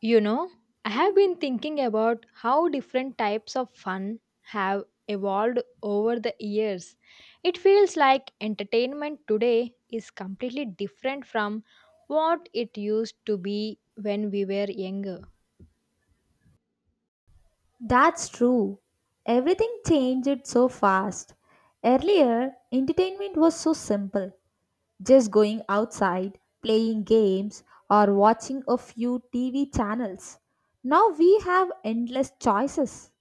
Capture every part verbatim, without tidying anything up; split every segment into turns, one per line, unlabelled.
You know, I have been thinking about how different types of fun have evolved over the years. It feels like entertainment today is completely different from what it used to be when we were younger.
That's true. Everything changed so fast. Earlier, entertainment was so simple just going outside, playing games, or watching a few T V channels. Now we have endless choices.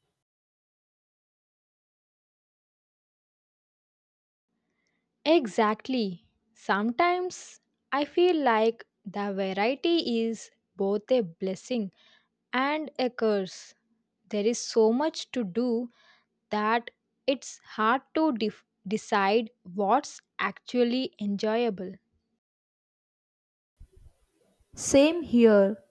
Exactly. Sometimes I feel like the variety is both a blessing and a curse. There is so much to do that it's hard to def- decide what's actually enjoyable.
Same here.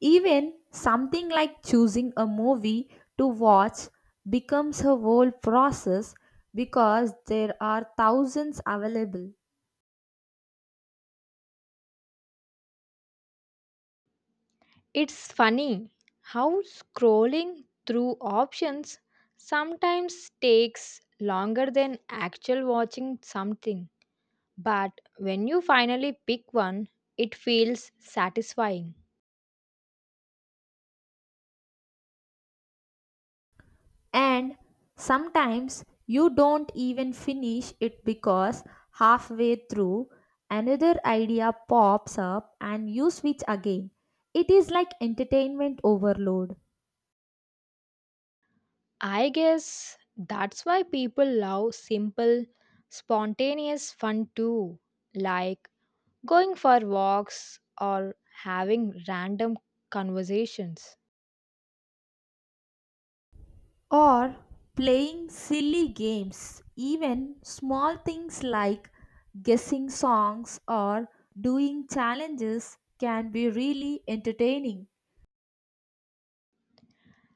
Even something like choosing a movie to watch becomes a whole process because there are thousands available.
It's funny how scrolling through options sometimes takes longer than actual watching something, but when you finally pick one, it feels satisfying.
And sometimes you don't even finish it because halfway through another idea pops up and you switch again. It is like entertainment overload.
I guess that's why people love simple, spontaneous fun too, like going for walks or having random conversations.
Or playing silly games, even small things like guessing songs or doing challenges can be really entertaining.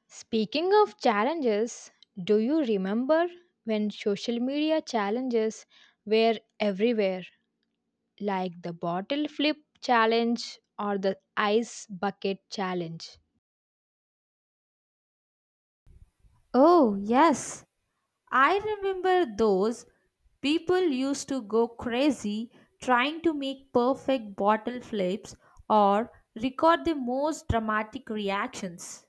Speaking of challenges, do you remember when social media challenges were everywhere, like the bottle flip challenge or the ice bucket challenge?
Oh, yes, I remember those people used to go crazy trying to make perfect bottle flips or record the most dramatic reactions.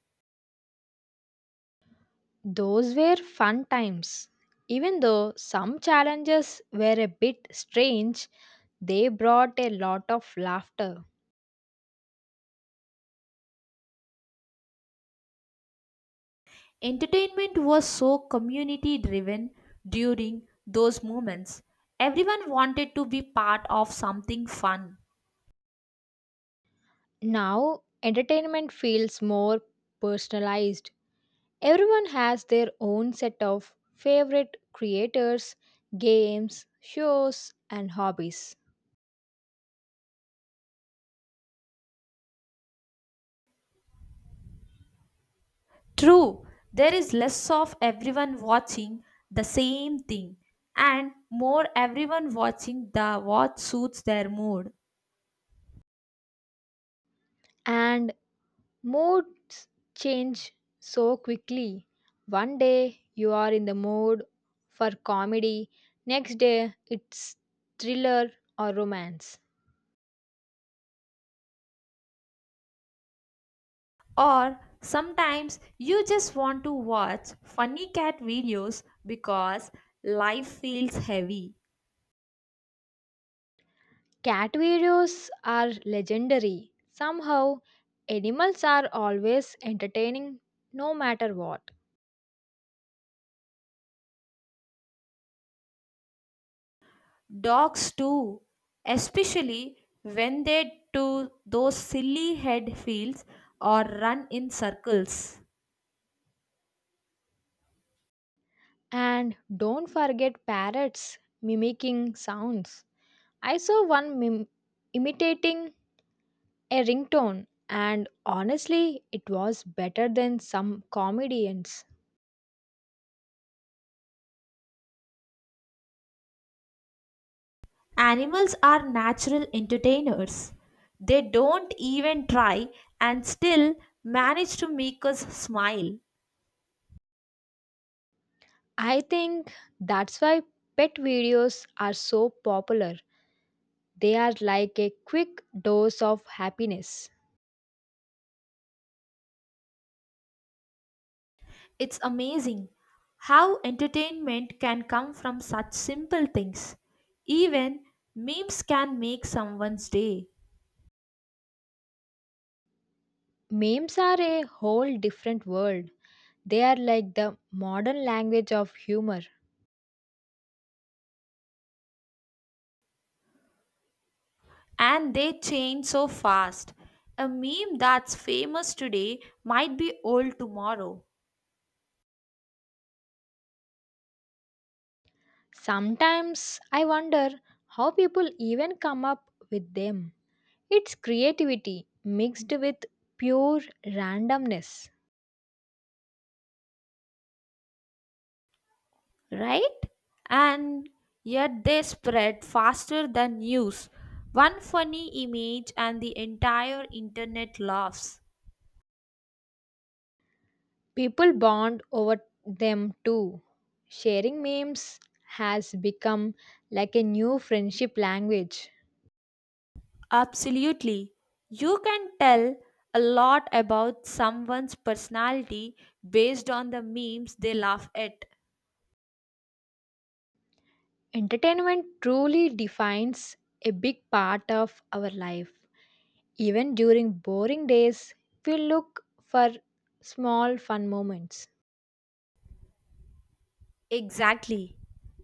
Those were fun times. Even though some challenges were a bit strange, they brought a lot of laughter.
Entertainment was so community driven during those moments. Everyone wanted to be part of something fun.
Now, entertainment feels more personalized. Everyone has their own set of favorite creators, games, shows, and hobbies.
True, there is less of everyone watching the same thing and more everyone watching the what suits their mood.
And moods change so quickly. One day you are in the mood for comedy, next day it's thriller or romance.
Or sometimes you just want to watch funny cat videos because life feels heavy.
Cat videos are legendary. Somehow, animals are always entertaining no matter what.
Dogs too, especially when they do those silly head feels or run in circles.
And don't forget parrots mimicking sounds. I saw one mim- imitating a ringtone and honestly it was better than some comedians.
Animals are natural entertainers. They don't even try and still manage to make us smile.
I think that's why pet videos are so popular. They are like a quick dose of happiness.
It's amazing how entertainment can come from such simple things. Even memes can make someone's day,
Memes are a whole different world. They are like the modern language of humor.
and they change so fast. A meme that's famous today might be old tomorrow,
Sometimes I wonder how people even come up with them. It's creativity mixed with pure randomness.
right? And yet they spread faster than news. One funny image, and the entire internet laughs.
People bond over them too. Sharing memes has become like a new friendship language.
Absolutely. You can tell a lot about someone's personality based on the memes they laugh at.
Entertainment truly defines a big part of our life. Even during boring days, we look for small fun moments.
Exactly.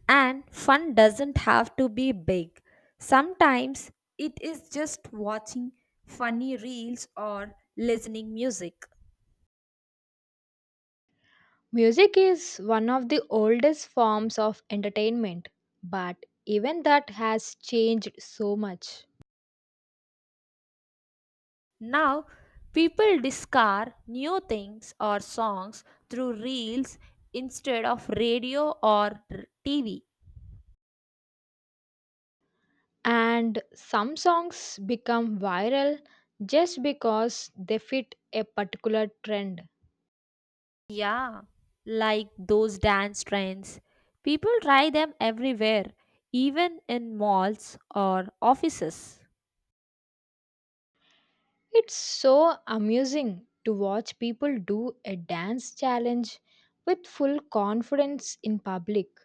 And fun doesn't have to be big. Sometimes it is just watching funny reels or listening music.
Music is one of the oldest forms of entertainment, but even that has changed so much.
Now, people discover new things or songs through reels instead of radio or r- T V.
And some songs become viral just because they fit a particular trend.
Yeah, like those dance trends. People try them everywhere, even in malls or offices.
It's so amusing to watch people do a dance challenge with full confidence in public.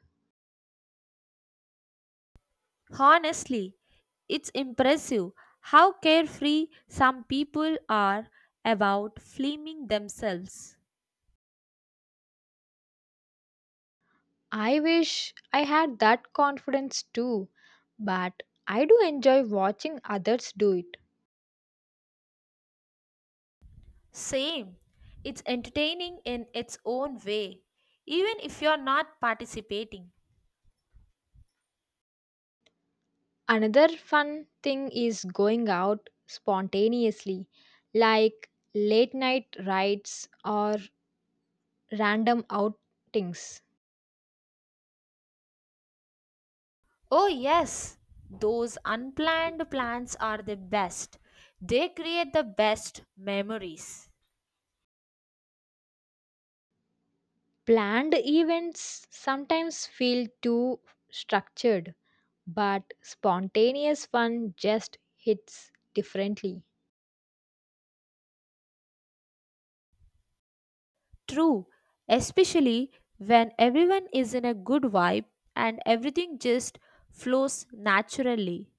Honestly, it's impressive how carefree some people are about flaming themselves.
I wish I had that confidence too, but I do enjoy watching others do it.
Same, it's entertaining in its own way, even if you're not participating.
Another fun thing is going out spontaneously, like late night rides or random outings.
Oh, yes, those unplanned plans are the best. They create the best memories.
Planned events sometimes feel too structured, but spontaneous fun just hits differently.
True, especially when everyone is in a good vibe and everything just flows naturally.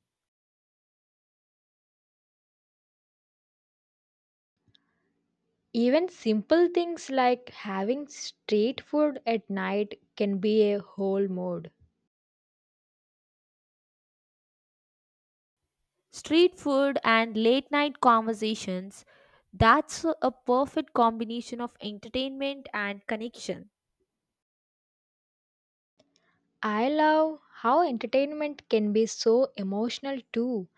Even simple things like having street food at night can be a whole mood.
Street food and late night conversations that's a perfect combination of entertainment and connection.
I love how entertainment can be so emotional too,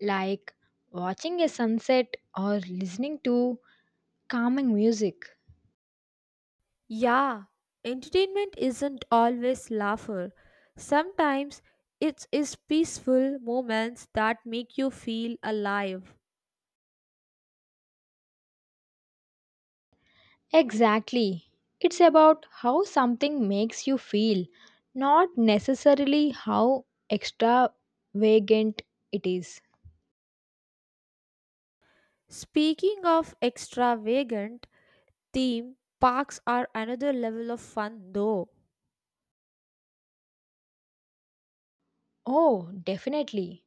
like watching a sunset or listening to calming music.
Yeah, entertainment isn't always laughter. Sometimes it is peaceful moments that make you feel alive.
Exactly. It's about how something makes you feel, not necessarily how extravagant it is.
Speaking of extravagant theme, parks are another level of fun though.
Oh, definitely.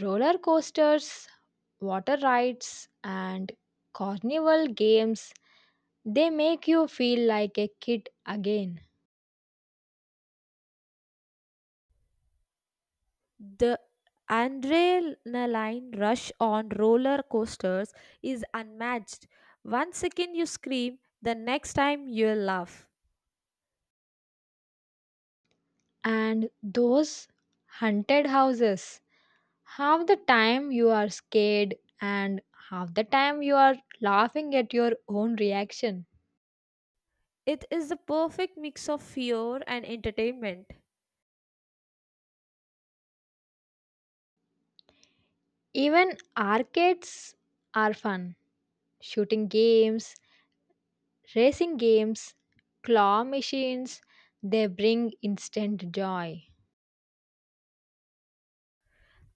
Roller coasters, water rides, and carnival games, they make you feel like a kid again.
The adrenaline rush on roller coasters is unmatched. One second you scream, the next time you laugh.
And those haunted houses, half the time you are scared, and half the time you are laughing at your own reaction.
It is the perfect mix of fear and entertainment.
Even arcades are fun. Shooting games, racing games, claw machines, they bring instant joy.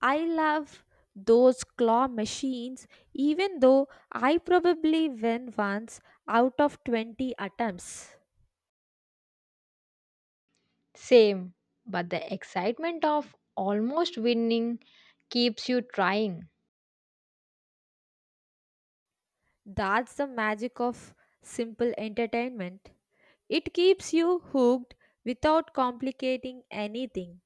I love those claw machines, even though I probably win once out of twenty attempts.
Same, but the excitement of almost winning keeps you trying.
That's the magic of simple entertainment. It keeps you hooked without complicating anything.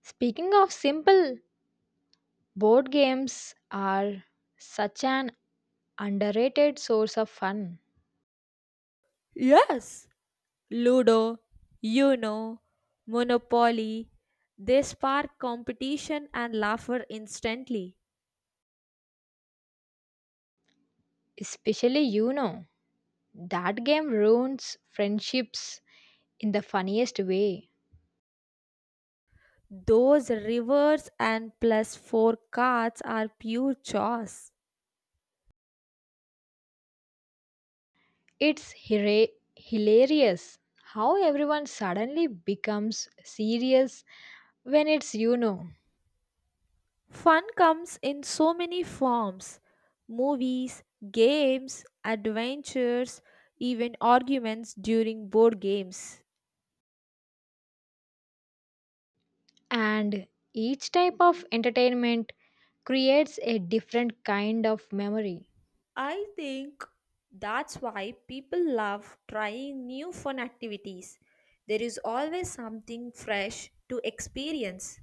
Speaking of simple, board games are such an underrated source of fun.
Yes, Ludo, Uno, Monopoly, they spark competition and laughter instantly.
Especially you know, that game ruins friendships in the funniest way.
Those reverse and plus four cards are pure chaos.
It's hira- hilarious how everyone suddenly becomes serious when it's you know.
Fun comes in so many forms movies, games, adventures, even arguments during board games.
And each type of entertainment creates a different kind of memory.
I think that's why people love trying new fun activities. There is always something fresh to experience.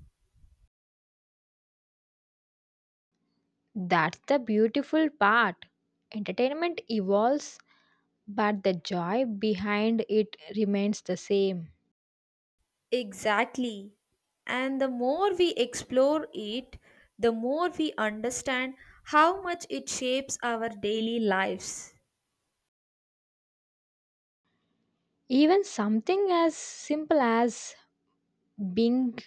That's the beautiful part. Entertainment evolves, but the joy behind it remains the same.
Exactly. And the more we explore it, the more we understand how much it shapes our daily lives.
Even something as simple as being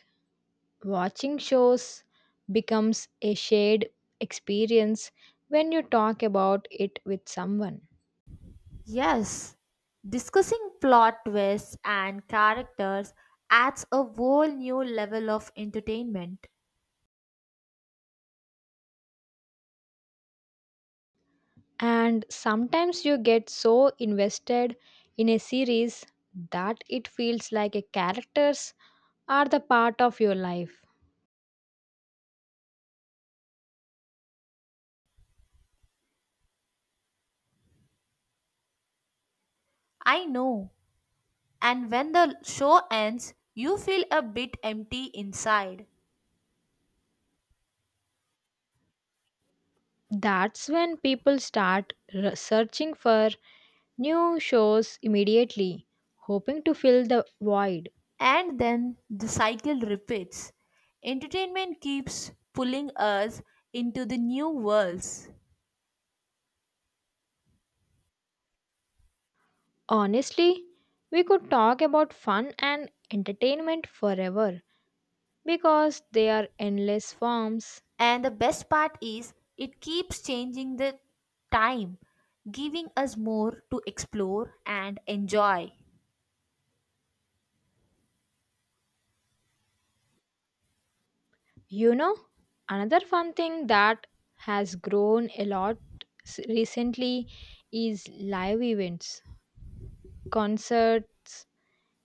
watching shows becomes a shared experience when you talk about it with someone.
Yes, discussing plot twists and characters adds a whole new level of entertainment.
And sometimes you get so invested in a series that it feels like a characters are the part of your life.
I know. And when the show ends, you feel a bit empty inside.
That's when people start re- searching for new shows immediately, hoping to fill the void.
And then the cycle repeats. Entertainment keeps pulling us into the new worlds.
Honestly, we could talk about fun and entertainment forever, because they are endless forms.
And the best part is, it keeps changing the time, giving us more to explore and enjoy.
You know, another fun thing that has grown a lot s- recently is live events, concerts,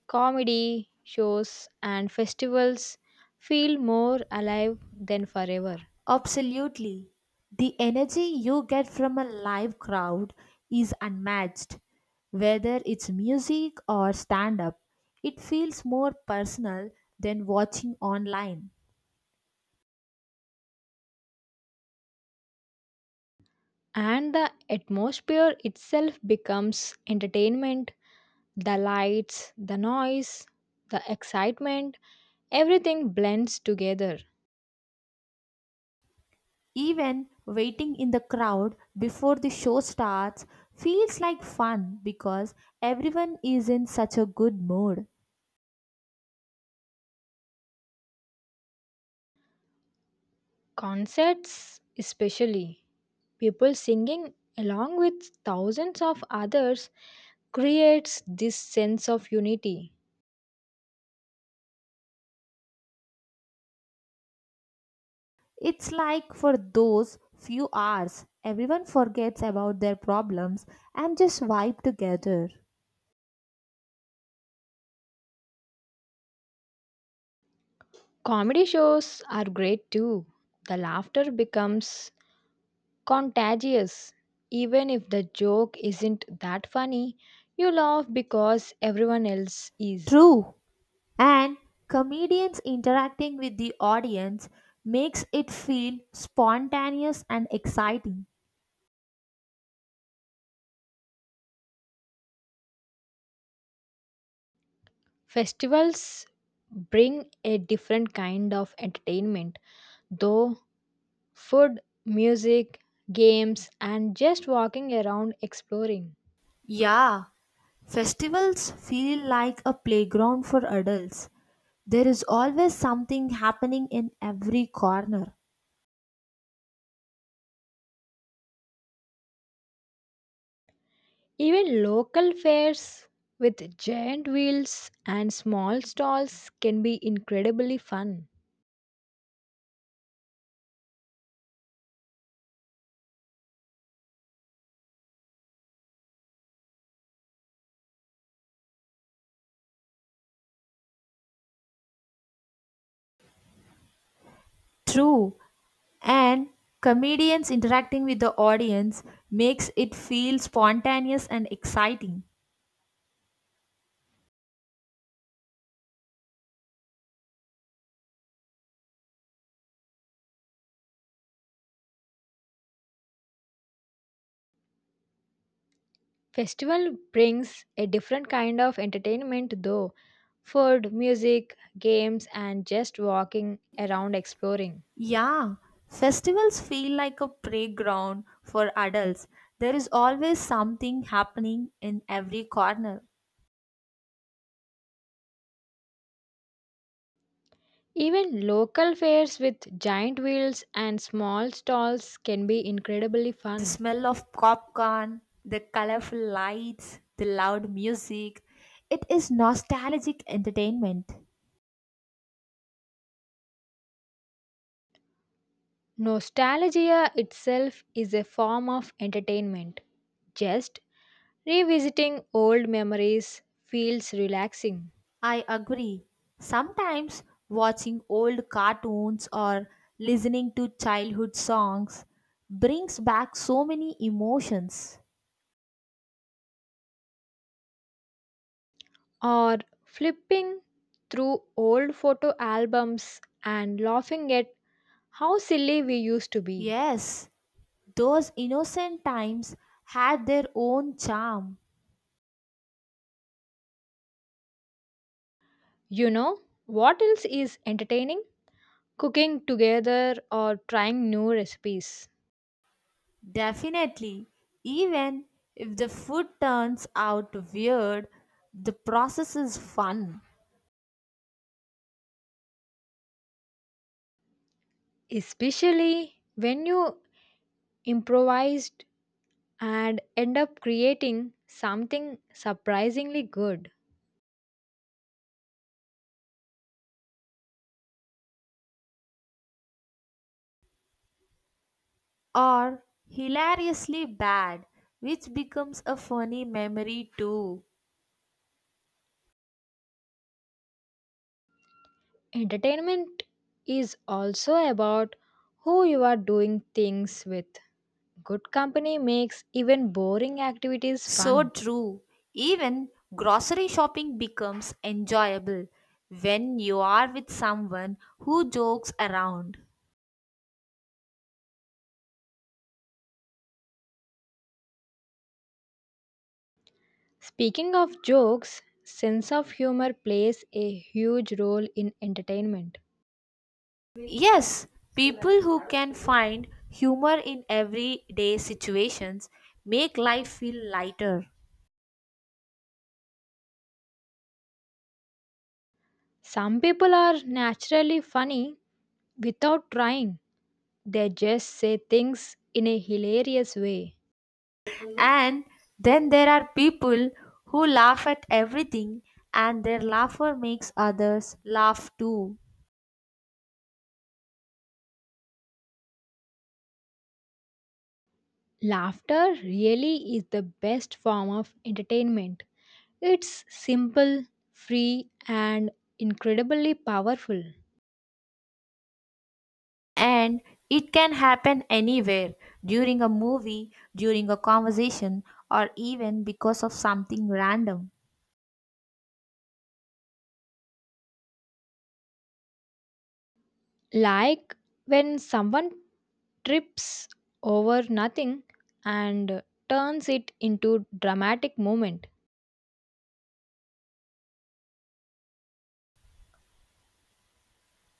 comedy shows, and festivals feel more alive than forever.
Absolutely. The energy you get from a live crowd is unmatched. Whether it's music or stand up, it feels more personal than watching online.
And the atmosphere itself becomes entertainment. The lights, the noise, the excitement, everything blends together.
Even waiting in the crowd before the show starts feels like fun because everyone is in such a good mood.
Concerts, especially, people singing along with thousands of others creates this sense of unity.
It's like for those few hours, everyone forgets about their problems and just vibe together.
Comedy shows are great too. The laughter becomes contagious. Even if the joke isn't that funny, you laugh because everyone else is.
True, and comedians interacting with the audience makes it feel spontaneous and exciting.
Festivals bring a different kind of entertainment, though. Food, music, games, and just walking around exploring.
Yeah, festivals feel like a playground for adults. There is always something happening in every corner.
Even local fairs with giant wheels and small stalls can be incredibly fun.
True, and comedians interacting with the audience makes it feel spontaneous and exciting.
Festival brings a different kind of entertainment though, food, music, games, and just walking around exploring.
Yeah, festivals feel like a playground for adults. There is always something happening in every corner.
Even local fairs with giant wheels and small stalls can be incredibly
The
fun.
smell of popcorn, the colorful lights, the loud music. It is nostalgic entertainment.
Nostalgia itself is a form of entertainment. Just revisiting old memories feels relaxing.
I agree. Sometimes watching old cartoons or listening to childhood songs brings back so many emotions.
Or flipping through old photo albums and laughing at how silly we used to be.
Yes, those innocent times had their own charm.
You know, what else is entertaining? Cooking together or trying new recipes.
Definitely, even if the food turns out weird, the process is fun
Especially when you improvised and end up creating something surprisingly good.
or hilariously bad, which becomes a funny memory too.
Entertainment is also about who you are doing things with. Good company makes even boring activities
So
fun.
true. Even grocery shopping becomes enjoyable when you are with someone who jokes around.
Speaking of jokes, sense of humor plays a huge role in entertainment.
Yes, people who can find humor in everyday situations make life feel lighter.
Some people are naturally funny without trying. They just say things in a hilarious way.
And then there are people who laugh at everything and their laughter makes others laugh too.
Laughter really is the best form of entertainment. It's simple, free, and incredibly powerful.
And it can happen anywhere during a movie, during a conversation, or even because of something random.
Like when someone trips over nothing and turns it into dramatic moment.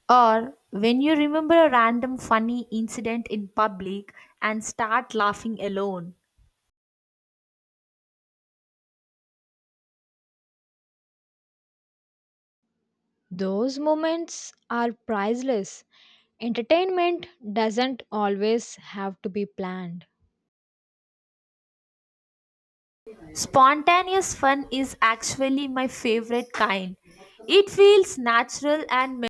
Or when you remember a random funny incident in public and start laughing alone.
Those moments are priceless. Entertainment doesn't always have to be planned.
Spontaneous fun is actually my favorite kind. It feels natural and me-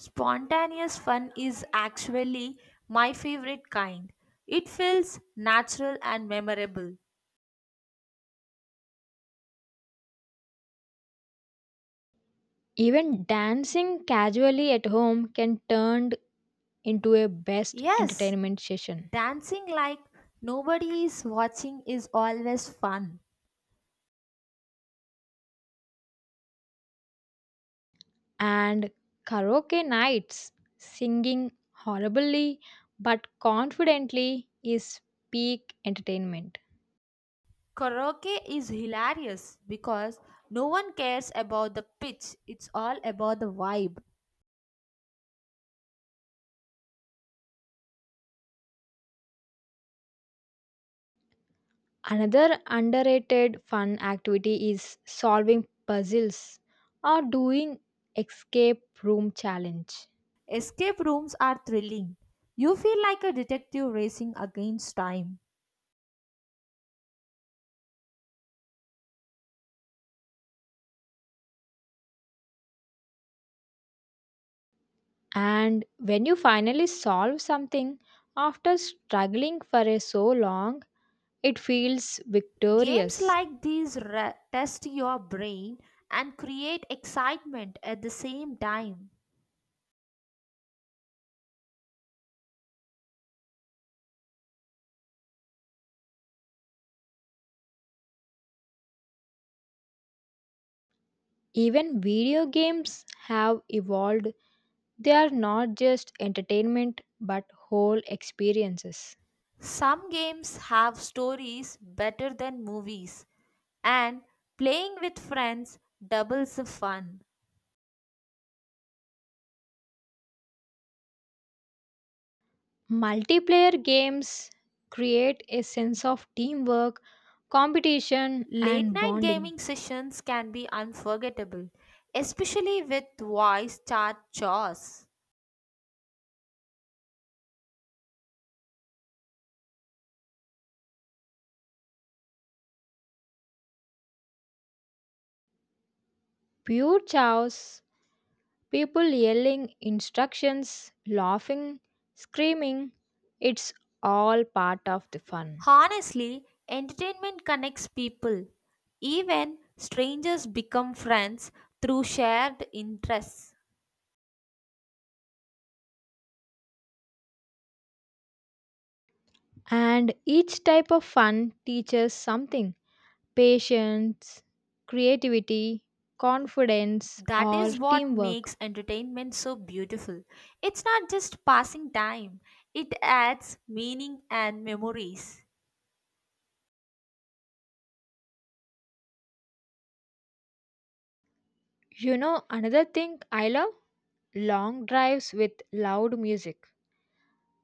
spontaneous fun is actually my favorite kind. It feels natural and memorable.
Even dancing casually at home can turn into a best
Yes,
entertainment session.
dancing like nobody is watching is always fun.
And karaoke nights, singing horribly but confidently, is peak entertainment.
Karaoke is hilarious because no one cares about the pitch. It's all about the vibe.
Another underrated fun activity is solving puzzles or doing escape room challenge.
Escape rooms are thrilling. You feel like a detective racing against time.
And when you finally solve something after struggling for a so long, it feels
Games
victorious.
like these re- test your brain and create excitement at the same time.
Even video games have evolved. They are not just entertainment but whole experiences.
Some games have stories better than movies, and playing with friends doubles the fun.
Multiplayer games create a sense of teamwork, competition,
Late
and
night
bonding.
gaming sessions can be unforgettable, especially with voice chat chores.
Pure chaos, people yelling instructions, laughing, screaming, it's all part of the fun.
Honestly, entertainment connects people. Even strangers become friends through shared interests.
And each type of fun teaches something patience, creativity, confidence,
That
or
is what
teamwork.
makes entertainment so beautiful. It's not just passing time, it adds meaning and memories.
You know, another thing I love? Long drives with loud music.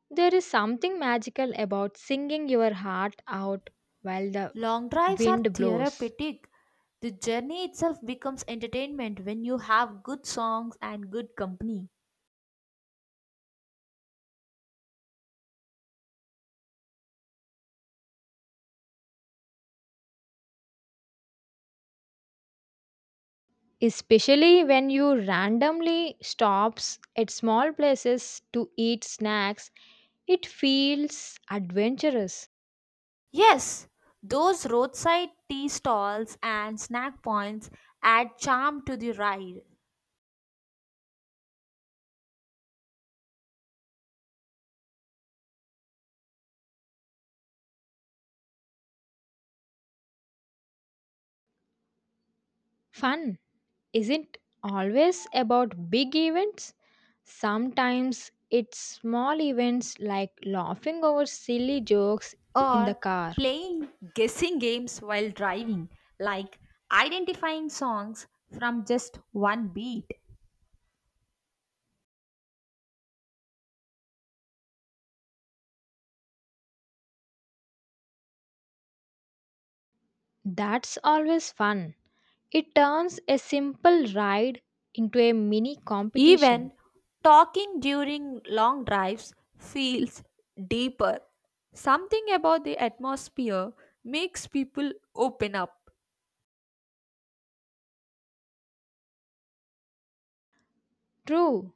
There is something magical about singing your heart out while the
Long drives are
wind blows,
therapeutic. The journey itself becomes entertainment when you have good songs and good company.
especially when you randomly stops at small places to eat snacks. It feels adventurous.
Yes, those roadside tea stalls and snack points add charm to the ride.
Fun isn't always about big events. Sometimes it's small events like laughing over silly jokes in the
Or
car.
playing guessing games while driving, like identifying songs from just one beat.
That's always fun. It turns a simple ride into a mini
Even
competition.
talking during long drives feels deeper. Something about the atmosphere makes people open up.
True,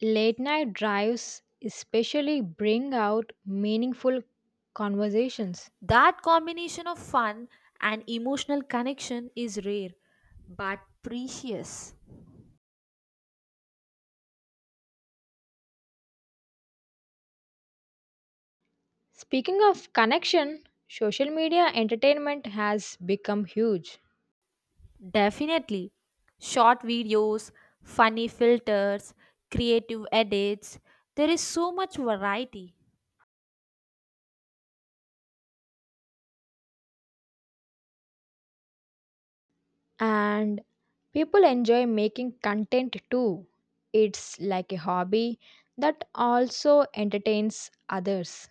late night drives especially bring out meaningful conversations.
That combination of fun and emotional connection is rare but precious.
Speaking of connection, social media entertainment has become huge.
Definitely. Short videos, funny filters, creative edits, there is so much variety.
And people enjoy making content too. It's like a hobby that also entertains others.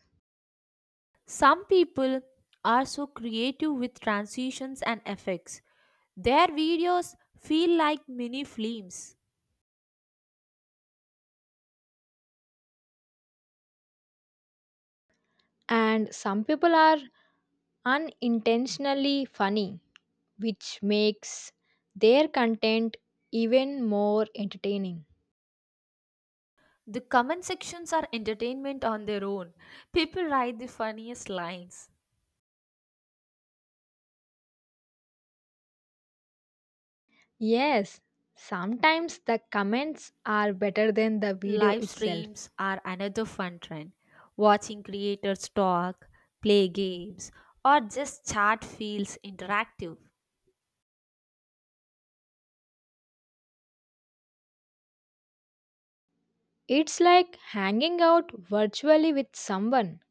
Some people are so creative with transitions and effects. Their videos feel like mini films.
And some people are unintentionally funny, which makes their content even more entertaining.
The comment sections are entertainment on their own. People write the funniest lines.
Yes, sometimes the comments are better than the video
Live
itself.
streams are another fun trend. Watching creators talk, play games, or just chat feels interactive.
It's like hanging out virtually with someone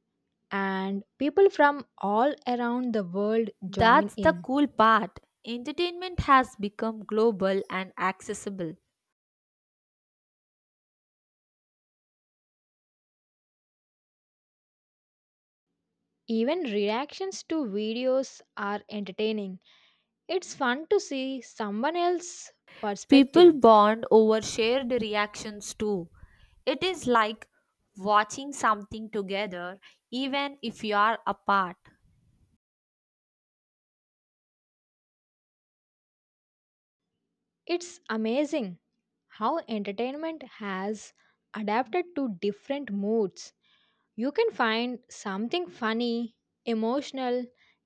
and people from all around the world join
That's the
in.
cool part. Entertainment has become global and accessible.
Even reactions to videos are entertaining. It's fun to see someone else's
People
perspective.
bond over shared reactions too. It is like watching something together, even if you are apart.
It's amazing how entertainment has adapted to different moods. You can find something funny, emotional,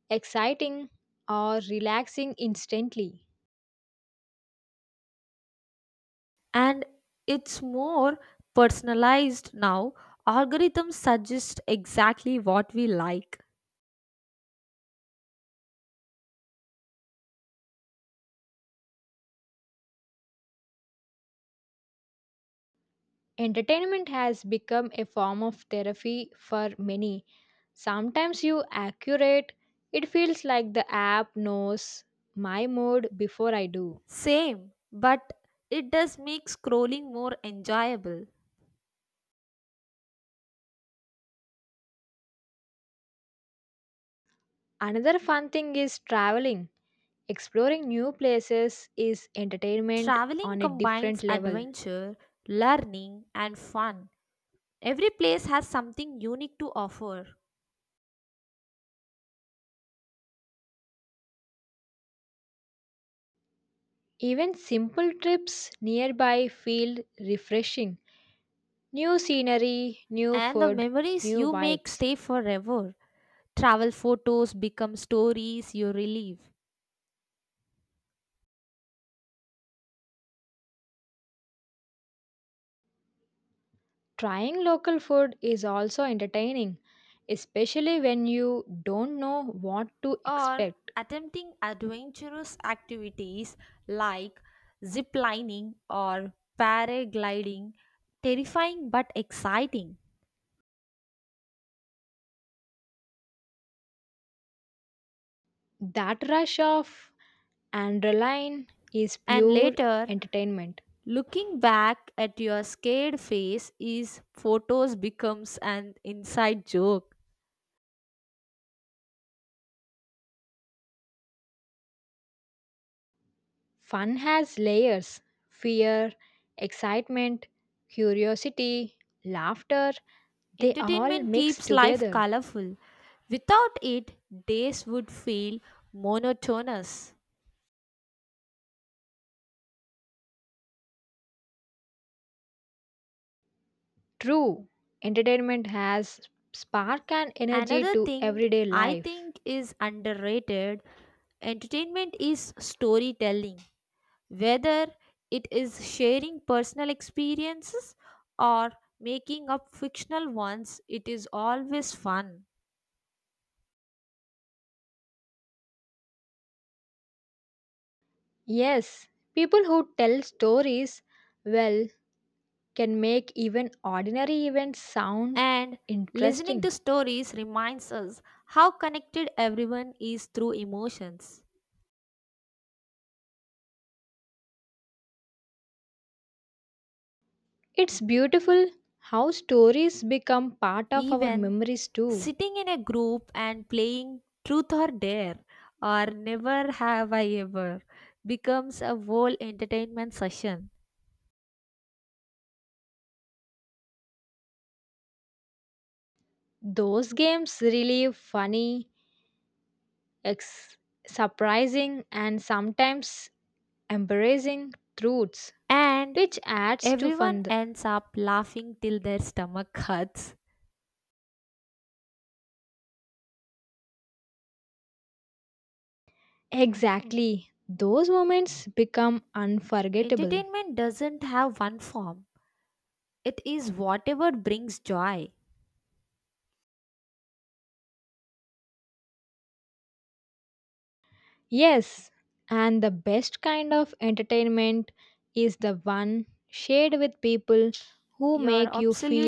exciting, or relaxing instantly.
And it's more personalized now. Algorithms suggest exactly what we like.
Entertainment has become a form of therapy for many. Sometimes you accurate. It feels like the app knows my mood before I do.
Same, but it does make scrolling more enjoyable.
Another fun thing is traveling. Exploring new places is entertainment
Traveling
on a different
combines
level.
adventure, learning, and fun. Every place has something unique to offer,
Even simple trips nearby feel refreshing. New scenery, new
and the
food,
memories
new
you make
vibes.
stay forever. Travel photos become stories you relive.
Trying local food is also entertaining, especially when you don't know what to
Or
expect.
attempting adventurous activities like zip lining or paragliding, terrifying but exciting.
That rush of adrenaline is
And
pure
later,
entertainment.
looking back at your scared face is photos becomes an inside joke.
Fun has layers fear, excitement, curiosity, laughter. They all
Entertainment
mix
keeps life
together.
colorful. Without it, days would feel monotonous.
True, entertainment has spark and energy
Another
to
thing
everyday
I
life.
think is underrated entertainment is storytelling, whether it is sharing personal experiences or making up fictional ones, it is always fun.
Yes, people who tell stories well can make even ordinary events sound
And listening
interesting.
to stories reminds us how connected everyone is through emotions.
It's beautiful how stories become part of our
Even
memories too.
sitting in a group and playing truth or dare or never have I ever becomes a whole entertainment session.
Those games really funny, ex- surprising, and sometimes embarrassing truths,
And
which adds to
everyone
fun.
ends up laughing till their stomach hurts.
Exactly, those moments become unforgettable.
Entertainment doesn't have one form, it is whatever brings joy.
Yes, and the best kind of entertainment is the one shared with people who
You're
make you
absolutely
feel